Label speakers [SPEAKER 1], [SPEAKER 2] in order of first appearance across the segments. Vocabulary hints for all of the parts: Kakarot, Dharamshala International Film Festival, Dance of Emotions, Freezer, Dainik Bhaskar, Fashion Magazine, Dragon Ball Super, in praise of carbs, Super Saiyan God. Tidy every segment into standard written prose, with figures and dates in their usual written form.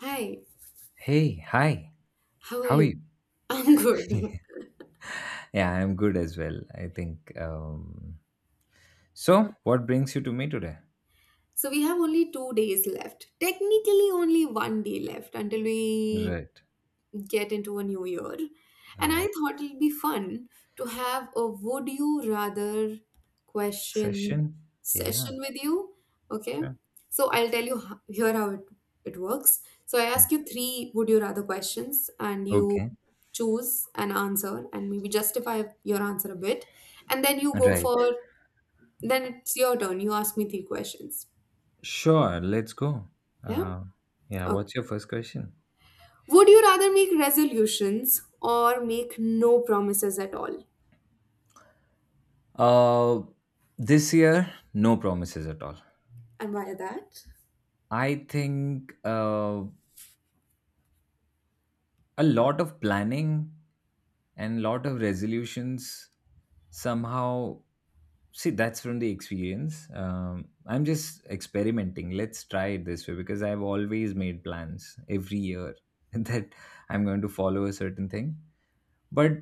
[SPEAKER 1] Hi,
[SPEAKER 2] Hey, hi.
[SPEAKER 1] how are
[SPEAKER 2] How are
[SPEAKER 1] you?
[SPEAKER 2] you?
[SPEAKER 1] I'm good.
[SPEAKER 2] Yeah, I'm good as well. I think. So, what brings you to me today?
[SPEAKER 1] So we have only 2 days left. Technically, only one day left until we
[SPEAKER 2] Right.
[SPEAKER 1] get into a new year. And I
[SPEAKER 2] Right.
[SPEAKER 1] thought it'd be fun to have a would you rather question
[SPEAKER 2] Session? Yeah,
[SPEAKER 1] session with you. Okay.
[SPEAKER 2] sure.
[SPEAKER 1] So I'll tell you here how it works. So I ask you three would you rather questions, and you
[SPEAKER 2] Okay.
[SPEAKER 1] choose an answer and maybe justify your answer a bit. And then you go
[SPEAKER 2] Right.
[SPEAKER 1] for Then it's your turn. You ask me three questions.
[SPEAKER 2] Sure. Let's go.
[SPEAKER 1] Yeah?
[SPEAKER 2] Uh, yeah,
[SPEAKER 1] Okay.
[SPEAKER 2] what's your first question?
[SPEAKER 1] Would you rather make resolutions or make no promises at all?
[SPEAKER 2] Uh, this year, no promises at all.
[SPEAKER 1] And why that?
[SPEAKER 2] I think. A lot of planning and lot of resolutions somehow, see, that's from the experience. I'm just experimenting. Let's try it this way because I've always made plans every year that I'm going to follow a certain thing, but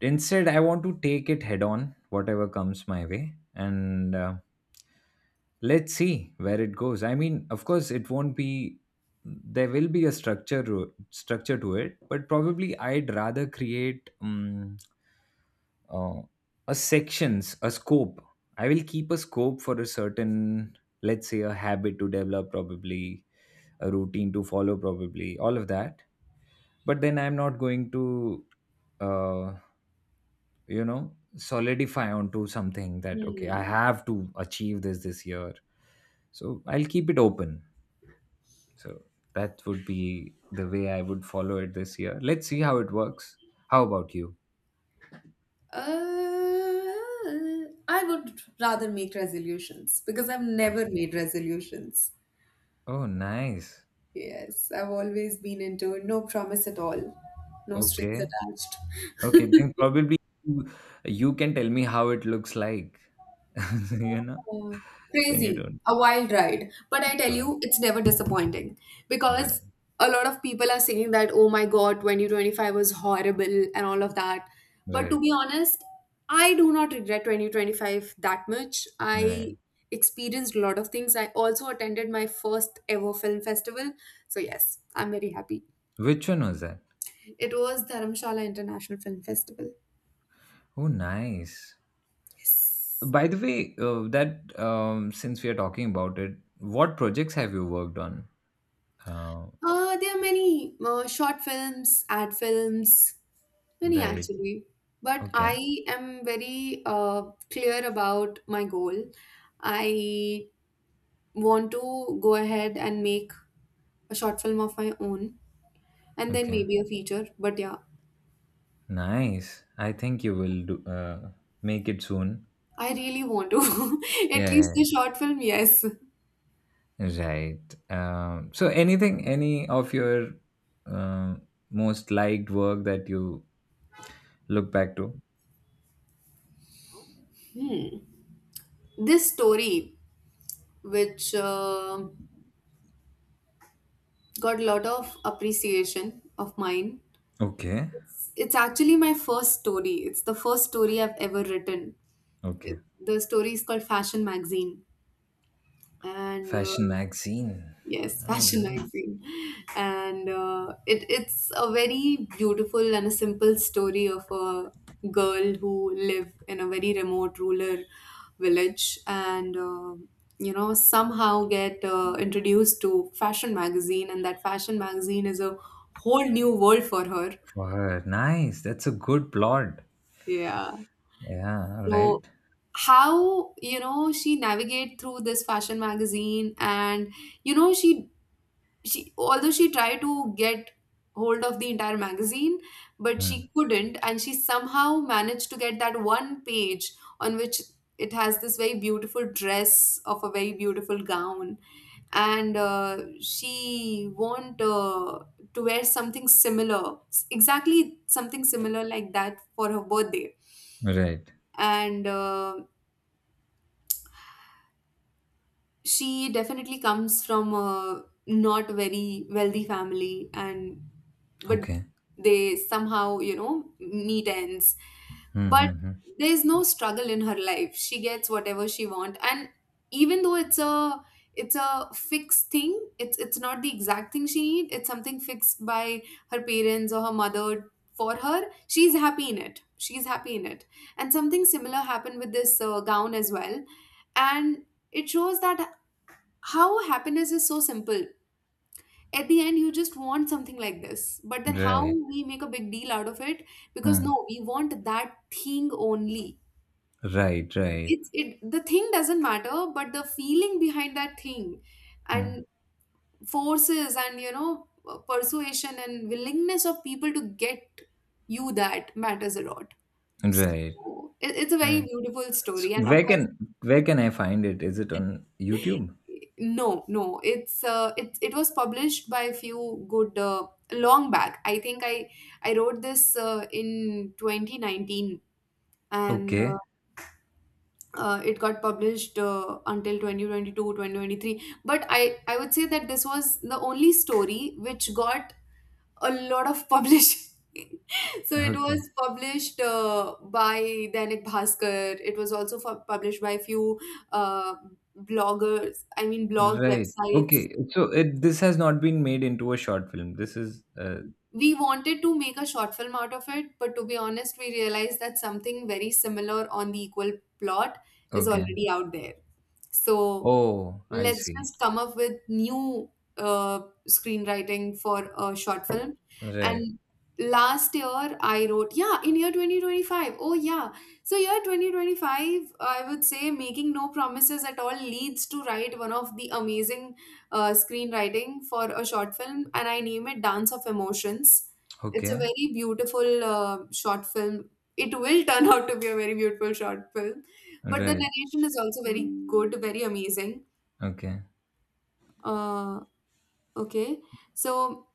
[SPEAKER 2] instead I want to take it head on, whatever comes my way. And let's see where it goes. I mean, of course, it won't be there will be a structure structure to it. But probably I'd rather create uh, a sections a scope. I will keep a scope for a certain, let's say, a habit to develop probably, a routine to follow probably, all of that. But then I'm not going to uh, you know, solidify onto something that okay,
[SPEAKER 1] Hmm.
[SPEAKER 2] I have to achieve this year. So I'll keep it open. So that would be the way I would follow it this year. Let's see how it works. How about you?
[SPEAKER 1] Uh, I would rather make resolutions because I've never made resolutions.
[SPEAKER 2] Oh, nice.
[SPEAKER 1] Yes, I've always been into no promise at all, no strings
[SPEAKER 2] Okay.
[SPEAKER 1] attached.
[SPEAKER 2] Okay. Then probably you, you can tell me how it looks like, you know,
[SPEAKER 1] Yeah.
[SPEAKER 2] when you
[SPEAKER 1] Crazy,
[SPEAKER 2] don't.
[SPEAKER 1] a wild ride. But I tell
[SPEAKER 2] Oh,
[SPEAKER 1] you, it's never disappointing
[SPEAKER 2] right.
[SPEAKER 1] because a lot of people are saying that, oh my God, 2025 was horrible and all of that. But to
[SPEAKER 2] Right.
[SPEAKER 1] be honest, I do not regret 2025 that much.
[SPEAKER 2] Right.
[SPEAKER 1] I experienced a lot of things. I also attended my first ever film festival. So, yes, I'm very happy.
[SPEAKER 2] Which one was that?
[SPEAKER 1] It was Dharamshala International Film Festival.
[SPEAKER 2] Oh, nice. By the way, that since we are talking about it, what projects have you worked on? Uh,
[SPEAKER 1] There are many short films, ad films, many
[SPEAKER 2] right.
[SPEAKER 1] actually, but
[SPEAKER 2] Okay.
[SPEAKER 1] I am very clear about my goal. I want to go ahead and make a short film of my own and then
[SPEAKER 2] Okay.
[SPEAKER 1] maybe a feature. But yeah,
[SPEAKER 2] Nice. I think you will do make it soon.
[SPEAKER 1] I really want to. At least
[SPEAKER 2] Yeah,
[SPEAKER 1] the short film, yes.
[SPEAKER 2] right. So anything, any of your uh, most liked work that you look back to?
[SPEAKER 1] This story, which got a lot of appreciation of mine,
[SPEAKER 2] Okay.
[SPEAKER 1] it's actually my first story. It's the first story I've ever written.
[SPEAKER 2] Okay.
[SPEAKER 1] The story is called Fashion Magazine and
[SPEAKER 2] Fashion magazine.
[SPEAKER 1] yes,
[SPEAKER 2] All
[SPEAKER 1] fashion
[SPEAKER 2] right.
[SPEAKER 1] magazine, and it's a very beautiful and a simple story of a girl who live in a very remote rural village, and somehow get introduced to fashion magazine, and that fashion magazine is a whole new world for her.
[SPEAKER 2] For her. Nice. That's a good plot.
[SPEAKER 1] Yeah.
[SPEAKER 2] Yeah. All
[SPEAKER 1] So
[SPEAKER 2] right.
[SPEAKER 1] how she navigate through this fashion magazine, and you know she she although she tried to get hold of the entire magazine, but
[SPEAKER 2] Hmm.
[SPEAKER 1] she couldn't, and she somehow managed to get that one page on which it has this very beautiful dress of a very beautiful gown, and she want to wear something similar exactly something similar like that for her birthday,
[SPEAKER 2] Right.
[SPEAKER 1] and she definitely comes from a not very wealthy family, and but
[SPEAKER 2] Okay.
[SPEAKER 1] they somehow meet ends,
[SPEAKER 2] Hmm.
[SPEAKER 1] but
[SPEAKER 2] Hmm. Hmm.
[SPEAKER 1] there's no struggle in her life. She gets whatever she want. And even though it's a fixed thing, it's not the exact thing she need, it's something fixed by her parents or her mother for her. She's happy in it, she's happy in it, and something similar happened with this gown as well, and it shows that how happiness is so simple. At the end, you just want something like this, but then how
[SPEAKER 2] Right.
[SPEAKER 1] we make a big deal out of it because,
[SPEAKER 2] Hmm.
[SPEAKER 1] no, we want that thing only.
[SPEAKER 2] Right. Right.
[SPEAKER 1] It's it The thing doesn't matter, but the feeling behind that thing
[SPEAKER 2] Hmm.
[SPEAKER 1] and forces and persuasion and willingness of people to get you, that matters a lot.
[SPEAKER 2] Right.
[SPEAKER 1] So it's a very
[SPEAKER 2] Right.
[SPEAKER 1] beautiful
[SPEAKER 2] So
[SPEAKER 1] story, and of
[SPEAKER 2] where
[SPEAKER 1] course,
[SPEAKER 2] can where can I find it? Is it on YouTube?
[SPEAKER 1] no, no, it was published by a few good long back. I think I wrote this in 2019, and
[SPEAKER 2] Okay,
[SPEAKER 1] it got published until 2022, 2023. But I would say that this was the only story which got a lot of publishing. So it was
[SPEAKER 2] okay,
[SPEAKER 1] published by Dainik Bhaskar. It was also published by a few uh, bloggers, I mean blog
[SPEAKER 2] right.
[SPEAKER 1] websites.
[SPEAKER 2] Okay, so it this has not been made into a short film. This is
[SPEAKER 1] We wanted to make a short film out of it, but to be honest, we realized that something very similar on the equal plot is
[SPEAKER 2] okay.
[SPEAKER 1] already out there. So
[SPEAKER 2] Oh, I
[SPEAKER 1] let's
[SPEAKER 2] see.
[SPEAKER 1] just come up with new uh, screenwriting for a short film.
[SPEAKER 2] Right.
[SPEAKER 1] And last year, I wrote, yeah, in year 2025. Oh, yeah. So, year 2025, I would say making no promises at all leads to write one of the amazing screenwriting for a short film, and I name it Dance of Emotions. It's a
[SPEAKER 2] Okay.
[SPEAKER 1] very beautiful short film. It will turn out to be a very beautiful short film, but the
[SPEAKER 2] Right.
[SPEAKER 1] narration is also very good, very amazing.
[SPEAKER 2] Okay.
[SPEAKER 1] Uh, okay, so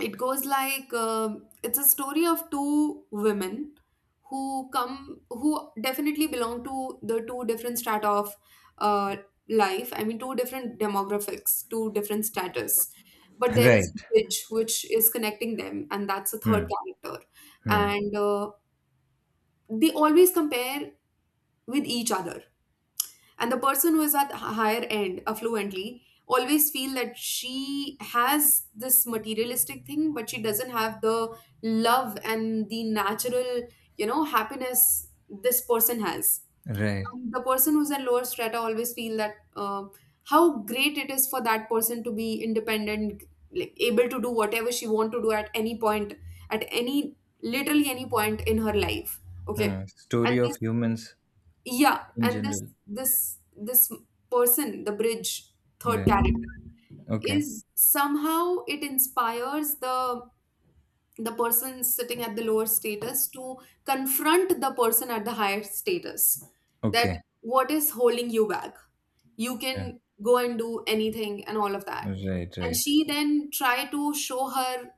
[SPEAKER 1] it goes like, um, it's a story of two women who come, who definitely belong to the two different strata of uh, life. I mean, two different demographics, two different status, but there is
[SPEAKER 2] Right.
[SPEAKER 1] a bridge which is connecting them, and that's the third
[SPEAKER 2] Hmm.
[SPEAKER 1] character.
[SPEAKER 2] Hmm.
[SPEAKER 1] And they always compare with each other, and the person who is at higher end affluently always feel that she has this materialistic thing, but she doesn't have the love and the natural, happiness this person has.
[SPEAKER 2] Right.
[SPEAKER 1] And the person who's at lower strata always feel that how great it is for that person to be independent, like able to do whatever she want to do at any point, at any, literally any point in her life. Okay.
[SPEAKER 2] Hmm.
[SPEAKER 1] And
[SPEAKER 2] Story of humans
[SPEAKER 1] yeah,
[SPEAKER 2] in
[SPEAKER 1] and this
[SPEAKER 2] general.
[SPEAKER 1] this this person, the bridge, third
[SPEAKER 2] Right.
[SPEAKER 1] character,
[SPEAKER 2] Okay.
[SPEAKER 1] is somehow it inspires the person sitting at the lower status to confront the person at the higher status. That,
[SPEAKER 2] Okay.
[SPEAKER 1] what is holding you back? You
[SPEAKER 2] Yeah.
[SPEAKER 1] can go and do anything and all of that.
[SPEAKER 2] Right.
[SPEAKER 1] And
[SPEAKER 2] Right.
[SPEAKER 1] she then try to show her,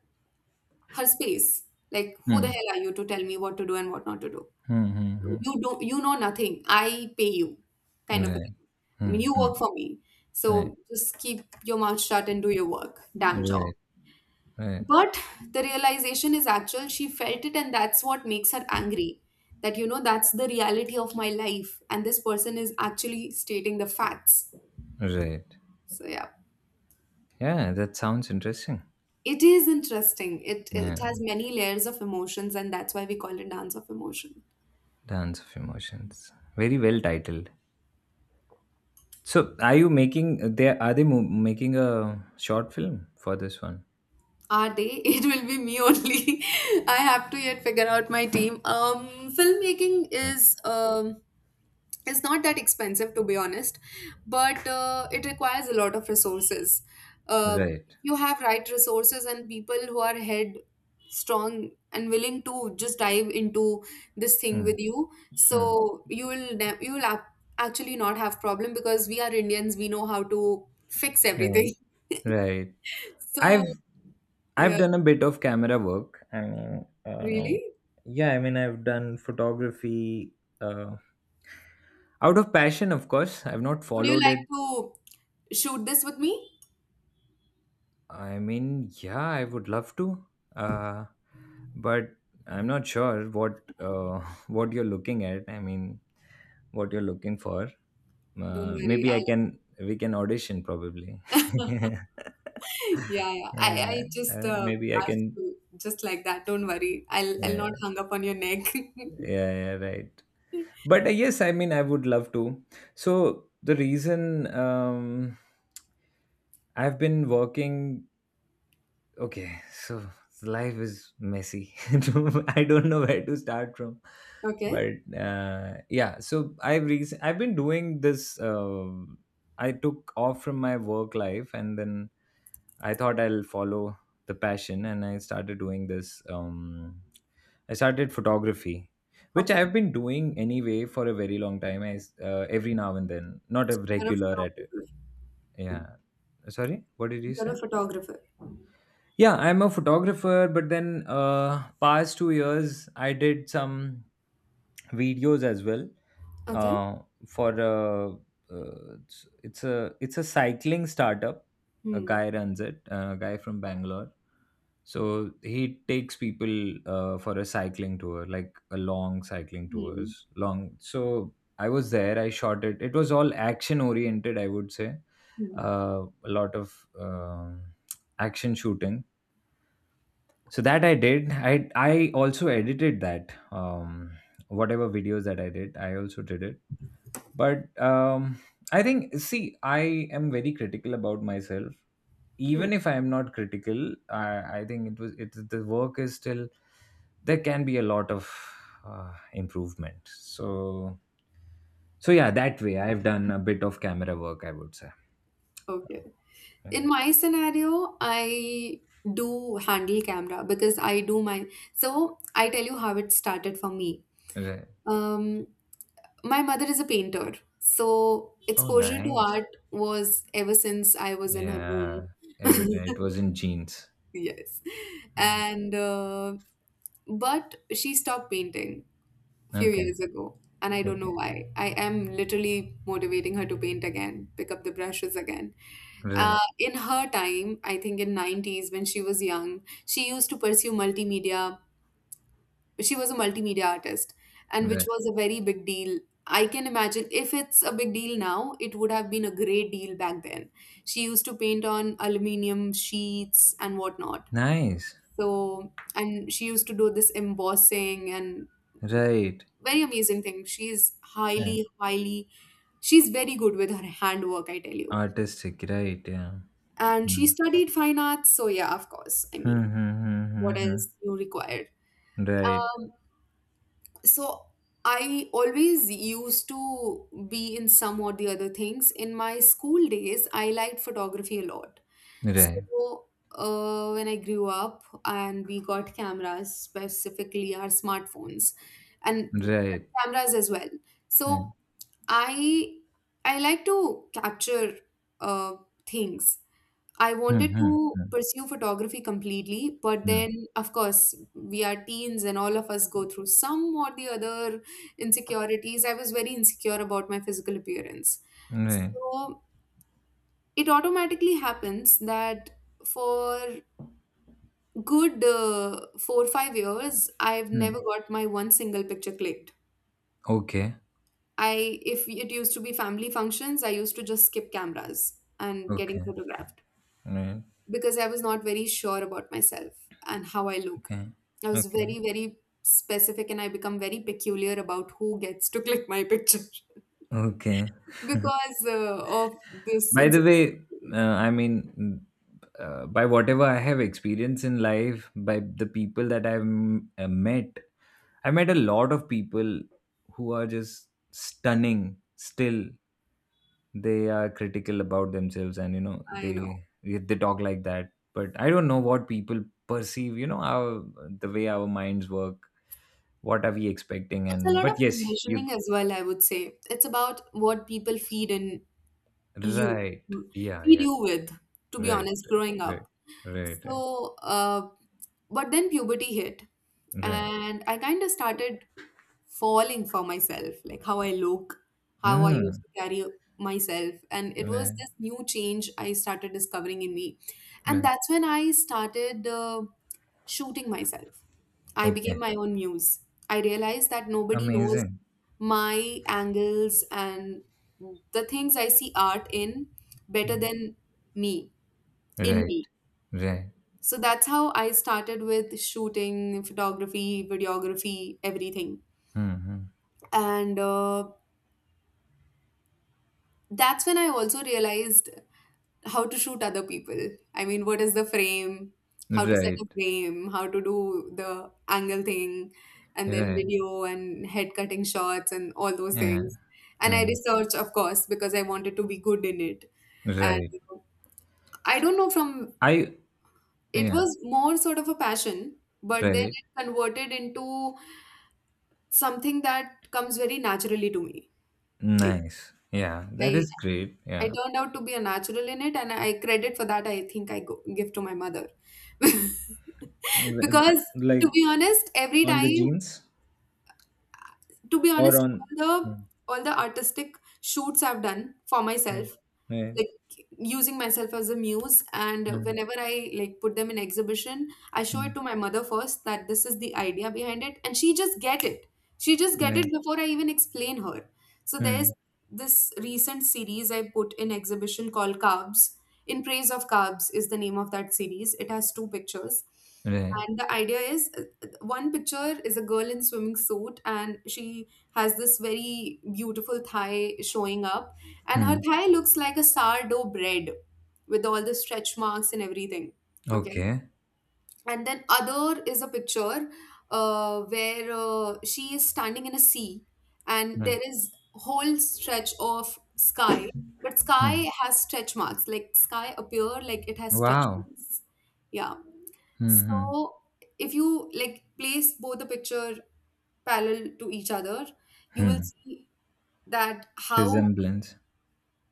[SPEAKER 1] her space. Like, who the
[SPEAKER 2] Hmm.
[SPEAKER 1] hell are you to tell me what to do and what not to do?
[SPEAKER 2] Hmm. Hmm. Hmm.
[SPEAKER 1] You don't, you know nothing. I pay you, kind of a
[SPEAKER 2] Right.
[SPEAKER 1] thing. I
[SPEAKER 2] Hmm.
[SPEAKER 1] mean, you
[SPEAKER 2] Hmm.
[SPEAKER 1] work for me,
[SPEAKER 2] Right.
[SPEAKER 1] so just keep your mouth shut and do your work damn job.
[SPEAKER 2] Right. Right.
[SPEAKER 1] But the realization is actual, she felt it, and that's what makes her angry. That's the reality of my life, and this person is actually stating the facts.
[SPEAKER 2] Right.
[SPEAKER 1] So yeah,
[SPEAKER 2] Yeah, that sounds interesting.
[SPEAKER 1] it is interesting. It
[SPEAKER 2] Yeah,
[SPEAKER 1] has many layers of emotions, and that's why we call it dance of emotion.
[SPEAKER 2] Dance of Emotions. Very well titled. So, are you making they are making a short film for this one?
[SPEAKER 1] Are they? It will be me only. I have to yet figure out my team. Filmmaking
[SPEAKER 2] Okay.
[SPEAKER 1] is, um, is not that expensive, to be honest, but it requires a lot of resources. Uh,
[SPEAKER 2] Right.
[SPEAKER 1] you have right resources and people who are head strong and willing to just dive into this thing
[SPEAKER 2] Hmm.
[SPEAKER 1] with you.
[SPEAKER 2] Hmm.
[SPEAKER 1] So you will actually not have problem because we are Indians. We know how to fix
[SPEAKER 2] Right.
[SPEAKER 1] everything.
[SPEAKER 2] Right.
[SPEAKER 1] So
[SPEAKER 2] I've I've
[SPEAKER 1] yeah,
[SPEAKER 2] done a bit of camera work. I mean,
[SPEAKER 1] really.
[SPEAKER 2] yeah. I mean, I've done photography. Uh, Out of passion, of course. I've not
[SPEAKER 1] Would you
[SPEAKER 2] followed
[SPEAKER 1] like
[SPEAKER 2] it
[SPEAKER 1] to shoot this with me?
[SPEAKER 2] I mean, yeah, I would love to, uh, but I'm not sure what what you're looking at. I mean, what you're looking for.
[SPEAKER 1] Don't worry.
[SPEAKER 2] Maybe I
[SPEAKER 1] I'll,
[SPEAKER 2] can we can audition probably.
[SPEAKER 1] yeah, yeah. I,
[SPEAKER 2] yeah,
[SPEAKER 1] I just
[SPEAKER 2] maybe I
[SPEAKER 1] asked
[SPEAKER 2] can.
[SPEAKER 1] you just like that. Don't worry. I'll not
[SPEAKER 2] Yeah,
[SPEAKER 1] hung up on your neck.
[SPEAKER 2] yeah, yeah, right. But yes, I mean, I would love to. So the reason I've been working okay so life is messy I don't know where to start from.
[SPEAKER 1] Okay.
[SPEAKER 2] But yeah, so I've been doing this I took off from my work life and then I thought I'll follow the passion and I started doing this I started photography, which
[SPEAKER 1] Okay.
[SPEAKER 2] I've been doing anyway for a very long time I s every now and then, not a
[SPEAKER 1] You're a
[SPEAKER 2] regular at it.
[SPEAKER 1] photographer.
[SPEAKER 2] Yeah. Sorry, what did you
[SPEAKER 1] You're
[SPEAKER 2] say?
[SPEAKER 1] a photographer.
[SPEAKER 2] Yeah, I'm a photographer, but then past 2 years I did some videos as well.
[SPEAKER 1] Okay.
[SPEAKER 2] Uh, for it's a cycling startup. A
[SPEAKER 1] Hmm.
[SPEAKER 2] guy runs it. A guy from Bangalore. So he takes people for a cycling tour, like a long cycling
[SPEAKER 1] Hmm.
[SPEAKER 2] tours, long. So I was there. I shot it. It was all action oriented, I would say.
[SPEAKER 1] Hmm.
[SPEAKER 2] A lot of action shooting. So that I did I also edited that whatever videos that I did I also did it. But um I think, see, I am very critical about myself.
[SPEAKER 1] Hmm.
[SPEAKER 2] Even if I am not critical, i I think it was it the work is still there can be a lot of improvement. So yeah, that way I've done a bit of camera work, I would say.
[SPEAKER 1] Okay.
[SPEAKER 2] Yeah.
[SPEAKER 1] In my scenario, I do handle camera because I do my so I tell you how it started for me.
[SPEAKER 2] Right.
[SPEAKER 1] Um, My mother is a painter, so
[SPEAKER 2] Oh,
[SPEAKER 1] exposure to
[SPEAKER 2] nice.
[SPEAKER 1] art was ever since I was in her
[SPEAKER 2] Yeah.
[SPEAKER 1] womb.
[SPEAKER 2] Every day it was in jeans.
[SPEAKER 1] Yes.
[SPEAKER 2] Mm.
[SPEAKER 1] And but she stopped painting a few
[SPEAKER 2] Okay,
[SPEAKER 1] years ago, and I don't know
[SPEAKER 2] okay.
[SPEAKER 1] why. I am literally motivating her to paint again, pick up the brushes again.
[SPEAKER 2] Right,
[SPEAKER 1] In her time, I think in 90s when she was young, she used to pursue multimedia. She was a multimedia artist, and which
[SPEAKER 2] right.
[SPEAKER 1] was a very big deal. I can imagine if it's a big deal now, it would have been a great deal back then. She used to paint on aluminum sheets and whatnot.
[SPEAKER 2] Nice.
[SPEAKER 1] So, and she used to do this embossing and
[SPEAKER 2] Right.
[SPEAKER 1] very amazing thing. She's
[SPEAKER 2] Yeah.
[SPEAKER 1] highly highly She's very good with her handwork, I tell you.
[SPEAKER 2] Artistic, right, yeah.
[SPEAKER 1] And she
[SPEAKER 2] Hmm.
[SPEAKER 1] studied fine arts, so yeah, of course, I
[SPEAKER 2] Hmm,
[SPEAKER 1] mean,
[SPEAKER 2] hmm, hmm, hmm,
[SPEAKER 1] what
[SPEAKER 2] hmm.
[SPEAKER 1] else you required?
[SPEAKER 2] Right,
[SPEAKER 1] So I always used to be in some or the other things. In my school days, I liked photography a lot.
[SPEAKER 2] right,
[SPEAKER 1] So when I grew up and we got cameras, specifically our smartphones, and
[SPEAKER 2] right.
[SPEAKER 1] cameras as well. So
[SPEAKER 2] Right.
[SPEAKER 1] I I like to capture uh, things. I
[SPEAKER 2] Hmm,
[SPEAKER 1] wanted
[SPEAKER 2] hmm,
[SPEAKER 1] to
[SPEAKER 2] hmm,
[SPEAKER 1] pursue photography completely, but
[SPEAKER 2] hmm.
[SPEAKER 1] then, of course, we are teens and all of us go through some or the other insecurities. I was very insecure about my physical appearance.
[SPEAKER 2] Right.
[SPEAKER 1] So it automatically happens that for good 4 or 5 years, I've
[SPEAKER 2] Hmm.
[SPEAKER 1] never got my one single picture clicked.
[SPEAKER 2] Okay,
[SPEAKER 1] I If it used to be family functions, I used to just skip cameras and getting
[SPEAKER 2] okay.
[SPEAKER 1] photographed,
[SPEAKER 2] Right.
[SPEAKER 1] because I was not very sure about myself and how I look.
[SPEAKER 2] Okay.
[SPEAKER 1] I was
[SPEAKER 2] Okay.
[SPEAKER 1] very, very specific, and I become very peculiar about who gets to click my picture.
[SPEAKER 2] Okay.
[SPEAKER 1] Because of this
[SPEAKER 2] By the
[SPEAKER 1] insecurity.
[SPEAKER 2] way, uh, I mean, by whatever I have experienced in life, by the people that I've met, I met a lot of people who are just stunning. Still, they are critical about themselves, and you know
[SPEAKER 1] I know.
[SPEAKER 2] they talk like that. But I don't know what people perceive. You know our the way our minds work. What are we expecting?
[SPEAKER 1] It's a
[SPEAKER 2] And
[SPEAKER 1] lot of
[SPEAKER 2] but yes, you
[SPEAKER 1] conditioning as well, I would say. It's about what people feed in you
[SPEAKER 2] right. Yeah,
[SPEAKER 1] feed
[SPEAKER 2] yeah.
[SPEAKER 1] you with. To be
[SPEAKER 2] Right,
[SPEAKER 1] honest,
[SPEAKER 2] right,
[SPEAKER 1] growing
[SPEAKER 2] right,
[SPEAKER 1] up,
[SPEAKER 2] right, right.
[SPEAKER 1] so uh, but then puberty hit,
[SPEAKER 2] Right.
[SPEAKER 1] and I kind of started falling for myself, like how I look, how I used
[SPEAKER 2] Hmm.
[SPEAKER 1] to carry myself, and it was
[SPEAKER 2] Right,
[SPEAKER 1] this new change I started discovering in me. And
[SPEAKER 2] right.
[SPEAKER 1] that's when I started shooting myself. I became
[SPEAKER 2] Okay.
[SPEAKER 1] my own muse. I realized that nobody knows
[SPEAKER 2] Amazing.
[SPEAKER 1] my angles and the things I see art in better
[SPEAKER 2] Hmm.
[SPEAKER 1] than me, in
[SPEAKER 2] Right,
[SPEAKER 1] me.
[SPEAKER 2] right.
[SPEAKER 1] So that's how I started with shooting, photography, videography, everything.
[SPEAKER 2] Hmm. Hmm.
[SPEAKER 1] And That's when I also realized how to shoot other people. I mean, what is the frame, how to set a
[SPEAKER 2] Right,
[SPEAKER 1] frame, how to do the angle thing, and then
[SPEAKER 2] right.
[SPEAKER 1] video and head cutting shots and all those
[SPEAKER 2] Yeah.
[SPEAKER 1] things. And
[SPEAKER 2] Yeah.
[SPEAKER 1] I researched, of course, because I wanted to be good in it. And
[SPEAKER 2] Right.
[SPEAKER 1] I don't know, from
[SPEAKER 2] I
[SPEAKER 1] it
[SPEAKER 2] yeah,
[SPEAKER 1] was more sort of a passion, but then
[SPEAKER 2] right.
[SPEAKER 1] it converted into something that comes very naturally to me. Like
[SPEAKER 2] Nice. Yeah, that
[SPEAKER 1] I,
[SPEAKER 2] is great.
[SPEAKER 1] I
[SPEAKER 2] Yeah.
[SPEAKER 1] turned out to be a natural in it, and I credit for that. I think I go, give to my mother,
[SPEAKER 2] L-
[SPEAKER 1] because
[SPEAKER 2] Like
[SPEAKER 1] to be honest, every
[SPEAKER 2] on the
[SPEAKER 1] time,
[SPEAKER 2] jeans
[SPEAKER 1] to be
[SPEAKER 2] or
[SPEAKER 1] honest,
[SPEAKER 2] on Hmm.
[SPEAKER 1] all the artistic shoots I've done for
[SPEAKER 2] Right.
[SPEAKER 1] myself,
[SPEAKER 2] Right.
[SPEAKER 1] like using myself as a muse, and
[SPEAKER 2] Hmm.
[SPEAKER 1] whenever I like put them in exhibition, I show
[SPEAKER 2] Hmm.
[SPEAKER 1] it to my mother first that this is the idea behind it, and she just get it. She just get it
[SPEAKER 2] Right.
[SPEAKER 1] before I even explain her. So
[SPEAKER 2] Hmm.
[SPEAKER 1] there's this recent series I put in exhibition called carbs. In praise of carbs is the name of that series. It has two pictures,
[SPEAKER 2] Right.
[SPEAKER 1] and the idea is one picture is a girl in swimming suit, and she has this very beautiful thigh showing up, and her
[SPEAKER 2] Hmm.
[SPEAKER 1] thigh looks like a sourdough bread with all the stretch marks and everything, okay?
[SPEAKER 2] Okay.
[SPEAKER 1] And then other is a picture where she is standing in a sea, and
[SPEAKER 2] Hmm.
[SPEAKER 1] there is whole stretch of sky, but
[SPEAKER 2] Hmm.
[SPEAKER 1] sky has stretch marks, like sky appear like it has stretch
[SPEAKER 2] Wow.
[SPEAKER 1] marks. Yeah.
[SPEAKER 2] Hmm. Hmm.
[SPEAKER 1] So if you like place both the picture parallel to each other, you
[SPEAKER 2] Hmm.
[SPEAKER 1] will see that how,
[SPEAKER 2] Resemblance.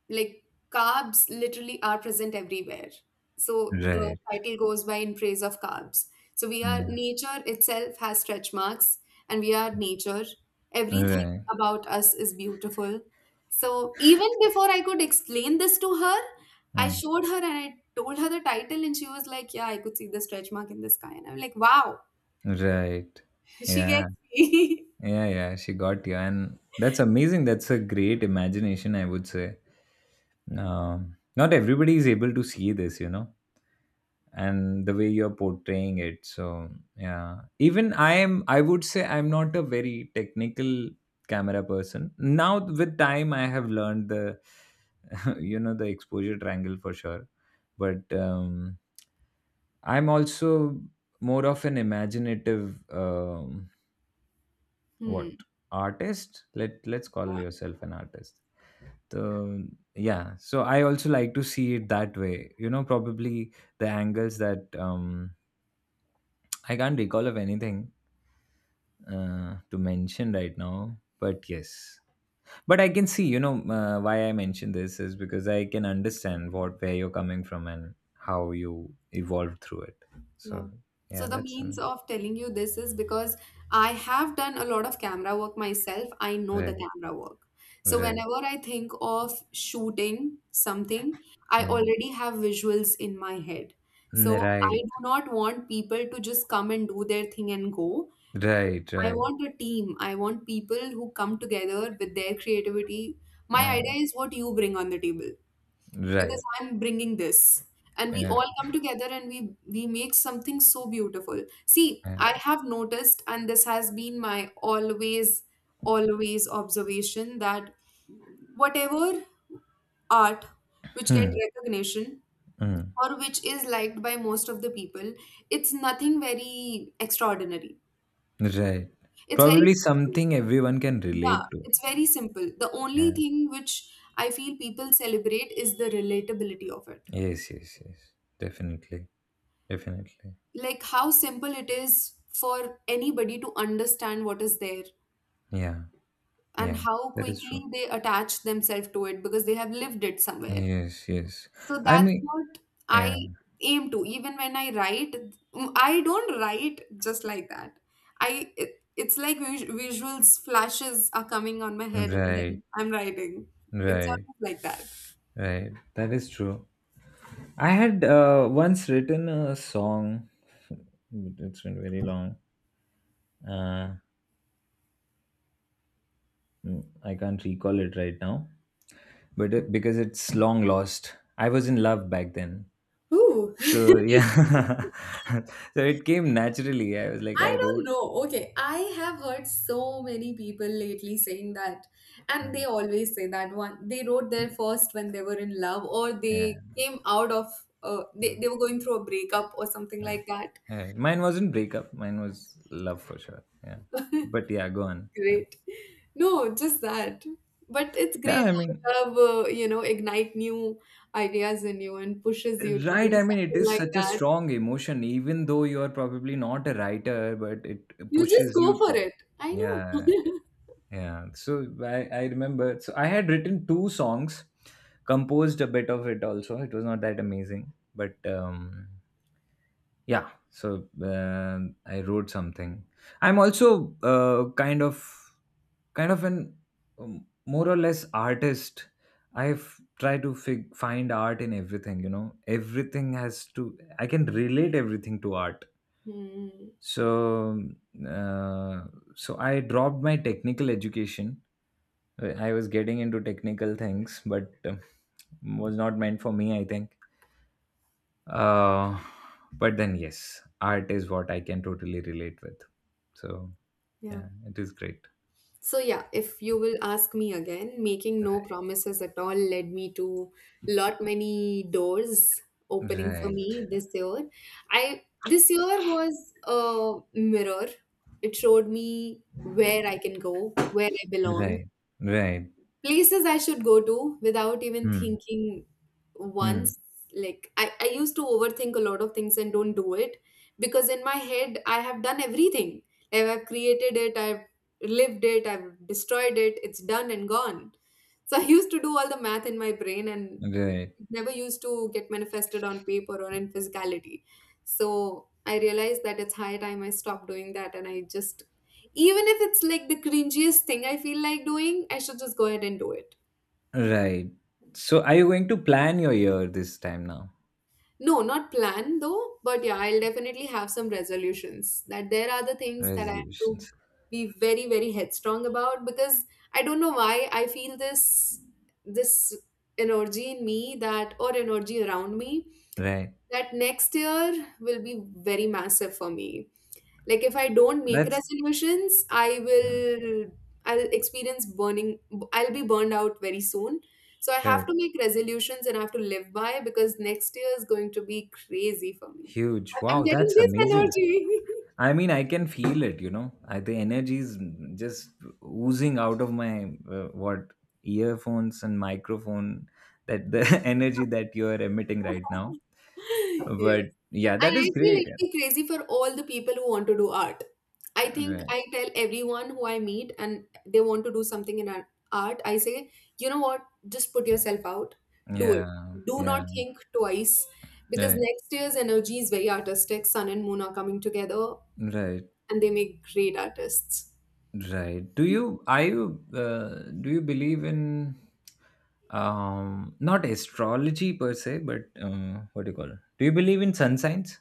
[SPEAKER 1] like, carbs literally are present everywhere. So the
[SPEAKER 2] Right.
[SPEAKER 1] title goes by in praise of carbs. So we are,
[SPEAKER 2] Yeah.
[SPEAKER 1] nature itself has stretch marks, and we are nature. Everything
[SPEAKER 2] Right.
[SPEAKER 1] about us is beautiful. So even before I could explain this to her, I
[SPEAKER 2] Hmm.
[SPEAKER 1] showed her and I told her the title, and she was like, "Yeah, I could see the stretch mark in the sky." And I'm like, wow,
[SPEAKER 2] Right.
[SPEAKER 1] she
[SPEAKER 2] Yeah.
[SPEAKER 1] gets me.
[SPEAKER 2] Yeah, yeah. She got you. And that's amazing. That's a great imagination, I would say. Not everybody is able to see this, you know, and the way you're portraying it. So yeah, even I am. I would say I'm not a very technical camera person. Now with time, I have learned the, you know, the exposure triangle for sure. But I'm also more of an imaginative what artist. Let's call
[SPEAKER 1] Hmm.
[SPEAKER 2] yourself an artist. So yeah, so I also like to see it that way. You know, probably the angles that I can't recall of anything to mention right now. But yes, but I can see. You know, why I mentioned this is because I can understand what where you're coming from and how you evolved through it. So
[SPEAKER 1] Yeah. So
[SPEAKER 2] yeah,
[SPEAKER 1] the
[SPEAKER 2] that's
[SPEAKER 1] means of telling you this is because I have done a lot of camera work myself. I know the
[SPEAKER 2] right,
[SPEAKER 1] camera work. So
[SPEAKER 2] right,
[SPEAKER 1] whenever I think of shooting something, I
[SPEAKER 2] right,
[SPEAKER 1] already have visuals in my head. So I
[SPEAKER 2] right,
[SPEAKER 1] do not want people to just come and do their thing and go.
[SPEAKER 2] right,
[SPEAKER 1] I
[SPEAKER 2] right.
[SPEAKER 1] want a team. I want people who come together with their creativity. My
[SPEAKER 2] Yeah,
[SPEAKER 1] idea is what you bring on the table, because
[SPEAKER 2] right.
[SPEAKER 1] I'm bringing this. And we
[SPEAKER 2] Yeah.
[SPEAKER 1] all come together, and we make something so beautiful. See, I
[SPEAKER 2] Yeah.
[SPEAKER 1] have noticed, and this has been my always, always observation that whatever art which get
[SPEAKER 2] Hmm.
[SPEAKER 1] recognition
[SPEAKER 2] Hmm.
[SPEAKER 1] or which is liked by most of the people, it's nothing very extraordinary.
[SPEAKER 2] Right.
[SPEAKER 1] It's very
[SPEAKER 2] Probably
[SPEAKER 1] simple.
[SPEAKER 2] something everyone can
[SPEAKER 1] Yeah,
[SPEAKER 2] relate to.
[SPEAKER 1] it's very simple. The only
[SPEAKER 2] Yeah.
[SPEAKER 1] thing which I feel people celebrate is the relatability of it,
[SPEAKER 2] Yes, yes, yes. Definitely. Definitely.
[SPEAKER 1] like how simple it is for anybody to understand what is there,
[SPEAKER 2] Yeah.
[SPEAKER 1] and
[SPEAKER 2] Yeah.
[SPEAKER 1] how
[SPEAKER 2] That is
[SPEAKER 1] quickly
[SPEAKER 2] true.
[SPEAKER 1] they attach themselves to it because they have lived it somewhere.
[SPEAKER 2] Yes, yes.
[SPEAKER 1] So
[SPEAKER 2] I
[SPEAKER 1] that's
[SPEAKER 2] mean,
[SPEAKER 1] what
[SPEAKER 2] yeah.
[SPEAKER 1] I aim to. Even when I write, I don't write just like that. I it's like visuals flashes are coming on my head, and
[SPEAKER 2] Right.
[SPEAKER 1] then I'm writing. It's
[SPEAKER 2] Right.
[SPEAKER 1] always like that.
[SPEAKER 2] Right. That is true. I had once written a song. It's been very long. Uh, I can't recall it right now, but it, because it's long lost. I was in love back then.
[SPEAKER 1] Ooh.
[SPEAKER 2] So yeah, so it came naturally. I was like, I
[SPEAKER 1] I don't
[SPEAKER 2] wrote,
[SPEAKER 1] know. Okay, I have heard so many people lately saying that, and they
[SPEAKER 2] Mm,
[SPEAKER 1] always say that one they wrote their first when they were in love, or
[SPEAKER 2] yeah,
[SPEAKER 1] they came out of
[SPEAKER 2] no,
[SPEAKER 1] they were going through a breakup or something
[SPEAKER 2] no,
[SPEAKER 1] like that.
[SPEAKER 2] yeah. Mine wasn't breakup. Mine was love for sure. Yeah, but yeah, go on. Yeah.
[SPEAKER 1] Great. No, just that. But it's
[SPEAKER 2] Yeah,
[SPEAKER 1] great
[SPEAKER 2] I mean,
[SPEAKER 1] how love, you know, ignite new ideas in you and pushes you to
[SPEAKER 2] right.
[SPEAKER 1] do
[SPEAKER 2] I mean, it
[SPEAKER 1] something
[SPEAKER 2] is
[SPEAKER 1] like
[SPEAKER 2] such a
[SPEAKER 1] that.
[SPEAKER 2] strong emotion, even though you are probably not a writer, but it
[SPEAKER 1] You just
[SPEAKER 2] pushes
[SPEAKER 1] go
[SPEAKER 2] you
[SPEAKER 1] for
[SPEAKER 2] to.
[SPEAKER 1] it. I know.
[SPEAKER 2] Yeah, yeah. So I remember. So I had written two songs, composed a bit of it also. It was not that amazing, but yeah. So I wrote something. I'm also kind of an more or less artist. I've tried to find art in everything. You know, everything has to. I can relate everything to art.
[SPEAKER 1] Hmm.
[SPEAKER 2] So uh, I dropped my technical education. I was getting into technical things, but was not meant for me. I think. Uh, but then, yes, art is what I can totally relate with. So,
[SPEAKER 1] Yeah.
[SPEAKER 2] yeah, it is great.
[SPEAKER 1] So, yeah, if you will ask me again, making no promises at all led me to lot many doors opening for
[SPEAKER 2] Right,
[SPEAKER 1] me this year. I this year was a mirror. It showed me where I can go, where I belong,
[SPEAKER 2] right, right.
[SPEAKER 1] places I should go to without even
[SPEAKER 2] Hmm,
[SPEAKER 1] thinking once.
[SPEAKER 2] hmm,
[SPEAKER 1] Like I used to overthink a lot of things and don't do it, because in my head I have done everything. Like I've created it, I've lived it, I've destroyed it, it's done and gone. So I used to do all the math in my brain, and
[SPEAKER 2] right,
[SPEAKER 1] it never used to get manifested on paper or in physicality. So I realized that it's high time I stopped doing that, and I just, even if it's like the cringiest thing I feel like doing, I should just go ahead and do it.
[SPEAKER 2] right. So, are you going to plan your year this time now?
[SPEAKER 1] No, not plan though, but yeah, I'll definitely have some resolutions that there are the things that I have to
[SPEAKER 2] Resolutions.
[SPEAKER 1] be very, very headstrong about, because I don't know why I feel this, this energy in me that, or energy around me
[SPEAKER 2] Right.
[SPEAKER 1] that next year will be very massive for me. Like if I don't make
[SPEAKER 2] That's
[SPEAKER 1] resolutions, I
[SPEAKER 2] uh,
[SPEAKER 1] will I'll experience burning, I'll be burned out very soon. So I have
[SPEAKER 2] right.
[SPEAKER 1] to make resolutions, and I have to live by, because next year is going to be crazy for me.
[SPEAKER 2] Huge.
[SPEAKER 1] I'm
[SPEAKER 2] Wow,
[SPEAKER 1] getting
[SPEAKER 2] that's
[SPEAKER 1] this
[SPEAKER 2] amazing.
[SPEAKER 1] energy.
[SPEAKER 2] I mean, I can feel it, you know. The energy is just oozing out of my what earphones and microphone. That the energy that you are emitting right now.
[SPEAKER 1] Yeah.
[SPEAKER 2] But yeah, that
[SPEAKER 1] And
[SPEAKER 2] is
[SPEAKER 1] I feel
[SPEAKER 2] great.
[SPEAKER 1] it'd be crazy for all the people who want to do art. I think
[SPEAKER 2] Right.
[SPEAKER 1] I tell everyone who I meet, and they want to do something in art, I say, you know what, just put yourself out, do it.
[SPEAKER 2] Yeah.
[SPEAKER 1] Do not
[SPEAKER 2] Yeah.
[SPEAKER 1] think twice, because
[SPEAKER 2] Right.
[SPEAKER 1] next year's energy is very artistic. Sun and moon are coming together,
[SPEAKER 2] Right.
[SPEAKER 1] and they make great artists.
[SPEAKER 2] Right. Do you are you do you believe in not astrology per se, but what do you call it? Do you believe in sun signs?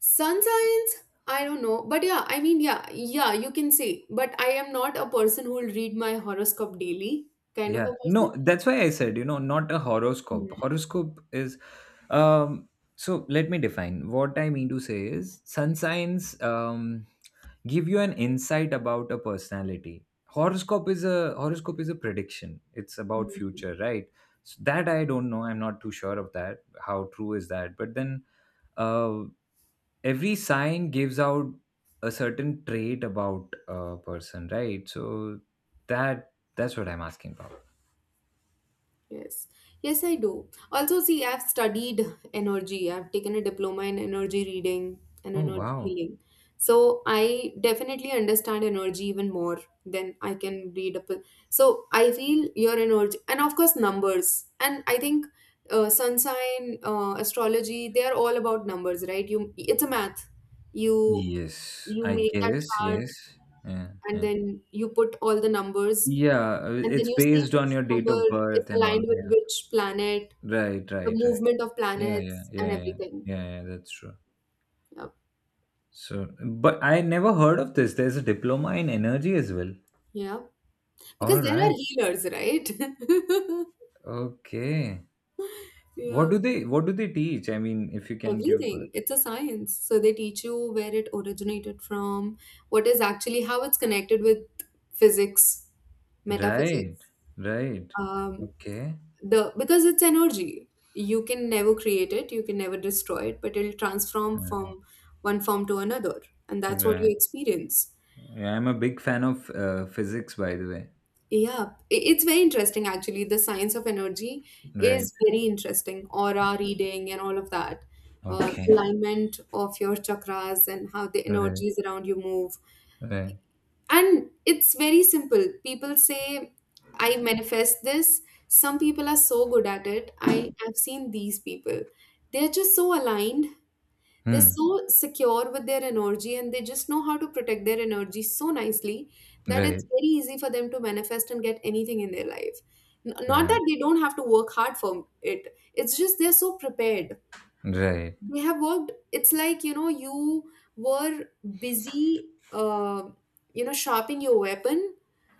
[SPEAKER 1] Sun signs? I don't know. But yeah, I mean, yeah, yeah, you can say. But I am not a person who will read my horoscope daily, kind of
[SPEAKER 2] Yeah,
[SPEAKER 1] a
[SPEAKER 2] no, that's why I said, you know, not a horoscope.
[SPEAKER 1] person.
[SPEAKER 2] Horoscope is, um, so let me define. What I mean to say is, sun signs give you an insight about a personality. Horoscope is a prediction. It's about future, right? So that I don't know. I'm not too sure of that. How true is that? But then, uh, every sign gives out a certain trait about a person, right? So that's what I'm asking about.
[SPEAKER 1] Yes, yes, I do. Also, see, I've studied energy. I've taken a diploma in energy reading and
[SPEAKER 2] Oh
[SPEAKER 1] energy
[SPEAKER 2] wow.
[SPEAKER 1] healing. So I definitely understand energy even more than I can read up. So I feel your energy, and of course, numbers. And I think sun sign, astrology, they are all about numbers, right? You, it's a math. You
[SPEAKER 2] Yes,
[SPEAKER 1] you
[SPEAKER 2] I
[SPEAKER 1] make that
[SPEAKER 2] guess.
[SPEAKER 1] chart,
[SPEAKER 2] Yes. Yeah.
[SPEAKER 1] and
[SPEAKER 2] Yeah.
[SPEAKER 1] then you put all the numbers,
[SPEAKER 2] Yeah.
[SPEAKER 1] and then
[SPEAKER 2] It's
[SPEAKER 1] you see
[SPEAKER 2] based on
[SPEAKER 1] which
[SPEAKER 2] your date
[SPEAKER 1] number
[SPEAKER 2] of
[SPEAKER 1] is
[SPEAKER 2] birth and all.
[SPEAKER 1] aligned
[SPEAKER 2] Yeah.
[SPEAKER 1] with which planet,
[SPEAKER 2] Right.
[SPEAKER 1] the
[SPEAKER 2] Right. Right.
[SPEAKER 1] movement of
[SPEAKER 2] Yeah. Yeah.
[SPEAKER 1] planets, and
[SPEAKER 2] Yeah. Yeah.
[SPEAKER 1] everything.
[SPEAKER 2] Yeah. Yeah. That's true.
[SPEAKER 1] Yeah,
[SPEAKER 2] So, but I never heard of this. There's a diploma in energy as well.
[SPEAKER 1] yeah.
[SPEAKER 2] All
[SPEAKER 1] Because there are
[SPEAKER 2] right.
[SPEAKER 1] healers, right?
[SPEAKER 2] Okay.
[SPEAKER 1] Yeah,
[SPEAKER 2] What do they teach? I mean, if you can give.
[SPEAKER 1] everything. It's a science. So they teach you where it originated from, what is actually how it's connected with physics,
[SPEAKER 2] Right.
[SPEAKER 1] metaphysics.
[SPEAKER 2] Right.
[SPEAKER 1] Um,
[SPEAKER 2] Okay.
[SPEAKER 1] the because it's energy. You can never create it. You can never destroy it, but it'll transform
[SPEAKER 2] Uh,
[SPEAKER 1] from one form to another, and that's what you
[SPEAKER 2] Right.
[SPEAKER 1] experience.
[SPEAKER 2] Yeah, I'm a big fan of physics, by the way.
[SPEAKER 1] Yeah, it's very interesting actually. The science of energy
[SPEAKER 2] Right.
[SPEAKER 1] is very interesting. Aura reading and all of that,
[SPEAKER 2] Okay.
[SPEAKER 1] alignment of your chakras and how the
[SPEAKER 2] Right.
[SPEAKER 1] energies around you move.
[SPEAKER 2] Right.
[SPEAKER 1] And it's very simple. People say, I manifest this. Some people are so good at it. I have seen these people. They're just so aligned, they're
[SPEAKER 2] Hmm.
[SPEAKER 1] so secure with their energy, and they just know how to protect their energy so nicely that
[SPEAKER 2] Right.
[SPEAKER 1] it's very easy for them to manifest and get anything in their life. Not
[SPEAKER 2] Right.
[SPEAKER 1] that they don't have to work hard for it, it's just they're so prepared.
[SPEAKER 2] Right.
[SPEAKER 1] They have worked, it's like, you know, you were busy, you know, sharpening your weapon,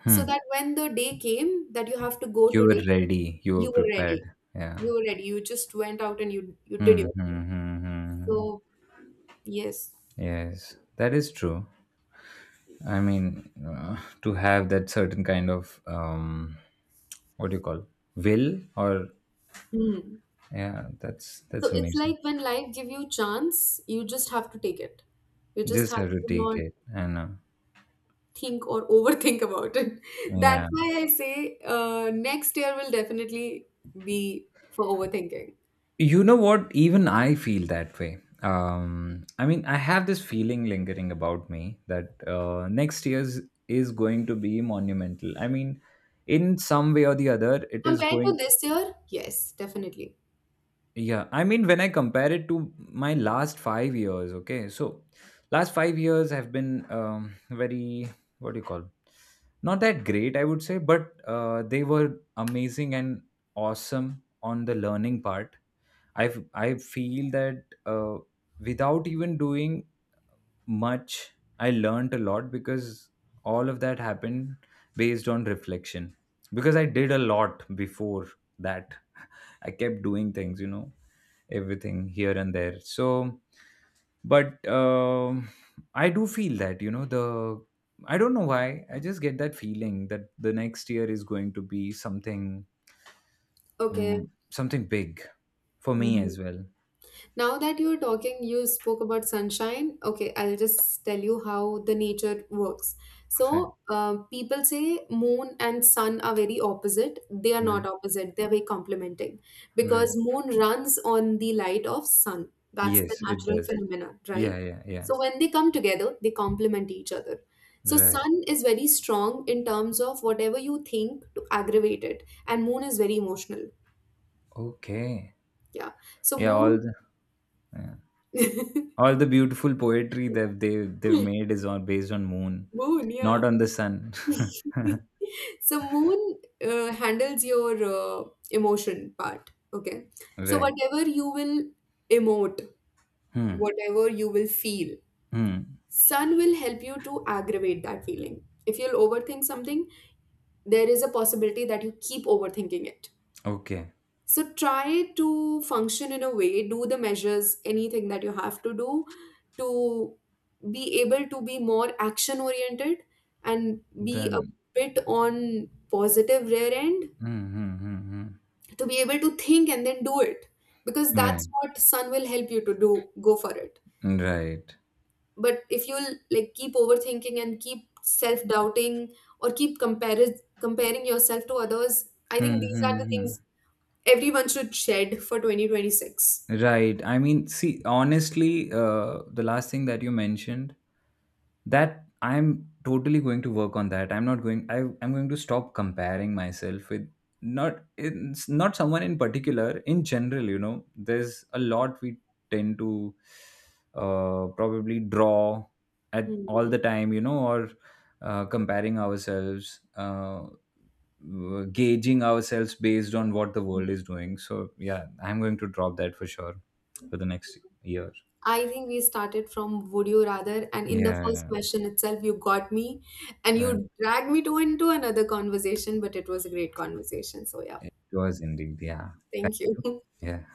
[SPEAKER 2] Hmm.
[SPEAKER 1] so that when the day came that you have to go
[SPEAKER 2] You were
[SPEAKER 1] today,
[SPEAKER 2] ready. You were
[SPEAKER 1] you were ready.
[SPEAKER 2] prepared. Yeah.
[SPEAKER 1] You were ready. You just went out, and you did
[SPEAKER 2] Hmm. Hmm.
[SPEAKER 1] your thing.
[SPEAKER 2] Hmm. Hmm. Hmm.
[SPEAKER 1] So yes.
[SPEAKER 2] Yes, that is true. I mean, to have that certain kind of what do you call will or
[SPEAKER 1] Hmm.
[SPEAKER 2] yeah, that's
[SPEAKER 1] So
[SPEAKER 2] that's
[SPEAKER 1] it's
[SPEAKER 2] amazing.
[SPEAKER 1] like when life give you chance, you just have to take it. You just
[SPEAKER 2] Just
[SPEAKER 1] have
[SPEAKER 2] have to
[SPEAKER 1] to
[SPEAKER 2] take
[SPEAKER 1] not
[SPEAKER 2] it. I know.
[SPEAKER 1] think or overthink about it. That's
[SPEAKER 2] Yeah.
[SPEAKER 1] why I say next year will definitely be for overthinking.
[SPEAKER 2] You know what? Even I feel that way. I mean, I have this feeling lingering about me that next year's is going to be monumental. I mean, in some way or the other, it is
[SPEAKER 1] Compared to
[SPEAKER 2] going to.
[SPEAKER 1] this year, yes, definitely.
[SPEAKER 2] Yeah, I mean, when I compare it to my last 5 years, okay, so last 5 years have been very, what do you call, not that great, I would say, but they were amazing and awesome on the learning part. i f- I feel that without even doing much I learned a lot because all of that happened based on reflection because I did a lot before that I kept doing things, you know, everything here and there. So but I do feel that you know the I don't know why I just get that feeling that the next year is going to be something
[SPEAKER 1] Okay.
[SPEAKER 2] something big for me as well.
[SPEAKER 1] Now that you're talking, you spoke about sunshine. Okay, I'll just tell you how the nature works.
[SPEAKER 2] Right,
[SPEAKER 1] So, people say moon and sun are very opposite. They are not
[SPEAKER 2] right,
[SPEAKER 1] opposite, they're very complementing,
[SPEAKER 2] right.
[SPEAKER 1] because moon runs on the light of sun. That's the
[SPEAKER 2] Yes, it
[SPEAKER 1] natural
[SPEAKER 2] does.
[SPEAKER 1] phenomenon,
[SPEAKER 2] Yeah,
[SPEAKER 1] right?
[SPEAKER 2] yeah, yeah.
[SPEAKER 1] So when they come together, they complement each other. So
[SPEAKER 2] Right.
[SPEAKER 1] sun is very strong in terms of whatever you think to aggravate it, and moon is very emotional.
[SPEAKER 2] Okay.
[SPEAKER 1] Yeah. So,
[SPEAKER 2] Yeah, all
[SPEAKER 1] moon.
[SPEAKER 2] the yeah, all the beautiful poetry that they've made is on based on moon,
[SPEAKER 1] Moon, yeah.
[SPEAKER 2] not on the sun.
[SPEAKER 1] So moon handles your emotion part, okay? So
[SPEAKER 2] Right.
[SPEAKER 1] whatever you will emote,
[SPEAKER 2] Hmm.
[SPEAKER 1] whatever you will feel,
[SPEAKER 2] Hmm.
[SPEAKER 1] sun will help you to aggravate that feeling. If you'll overthink something, there is a possibility that you keep overthinking it.
[SPEAKER 2] Okay.
[SPEAKER 1] So try to function in a way, do the measures, anything that you have to do to be able to be more action oriented, and be a
[SPEAKER 2] Then.
[SPEAKER 1] bit on positive rear end,
[SPEAKER 2] Hmm. Hmm. Hmm.
[SPEAKER 1] to be able to think and then do it, because
[SPEAKER 2] Hmm. Right.
[SPEAKER 1] that's what sun will help you to do, go for it.
[SPEAKER 2] Right.
[SPEAKER 1] But if you'll like keep overthinking and keep self doubting, or keep comparing yourself to others, I think
[SPEAKER 2] Hmm.
[SPEAKER 1] these are
[SPEAKER 2] Hmm.
[SPEAKER 1] the
[SPEAKER 2] Hmm.
[SPEAKER 1] things everyone should shed for 2026.
[SPEAKER 2] Right. I mean, see, honestly, the last thing that you mentioned, that I'm totally going to work on that. I'm not going. I'm going to stop comparing myself with not it's not someone in particular. In general, you know, there's a lot we tend to probably draw at all
[SPEAKER 1] Hmm.
[SPEAKER 2] the time, you know, or comparing ourselves. Gauging ourselves based on what the world is doing. So yeah, I'm going to drop that for sure for the next year.
[SPEAKER 1] I think we started from would you rather, and in the
[SPEAKER 2] Yeah,
[SPEAKER 1] first
[SPEAKER 2] yeah.
[SPEAKER 1] question itself, you got me and
[SPEAKER 2] Uh,
[SPEAKER 1] you dragged me to into another conversation, but it was a great conversation. So, yeah,
[SPEAKER 2] it was indeed. Yeah. Thank
[SPEAKER 1] thank you.
[SPEAKER 2] you. Yeah.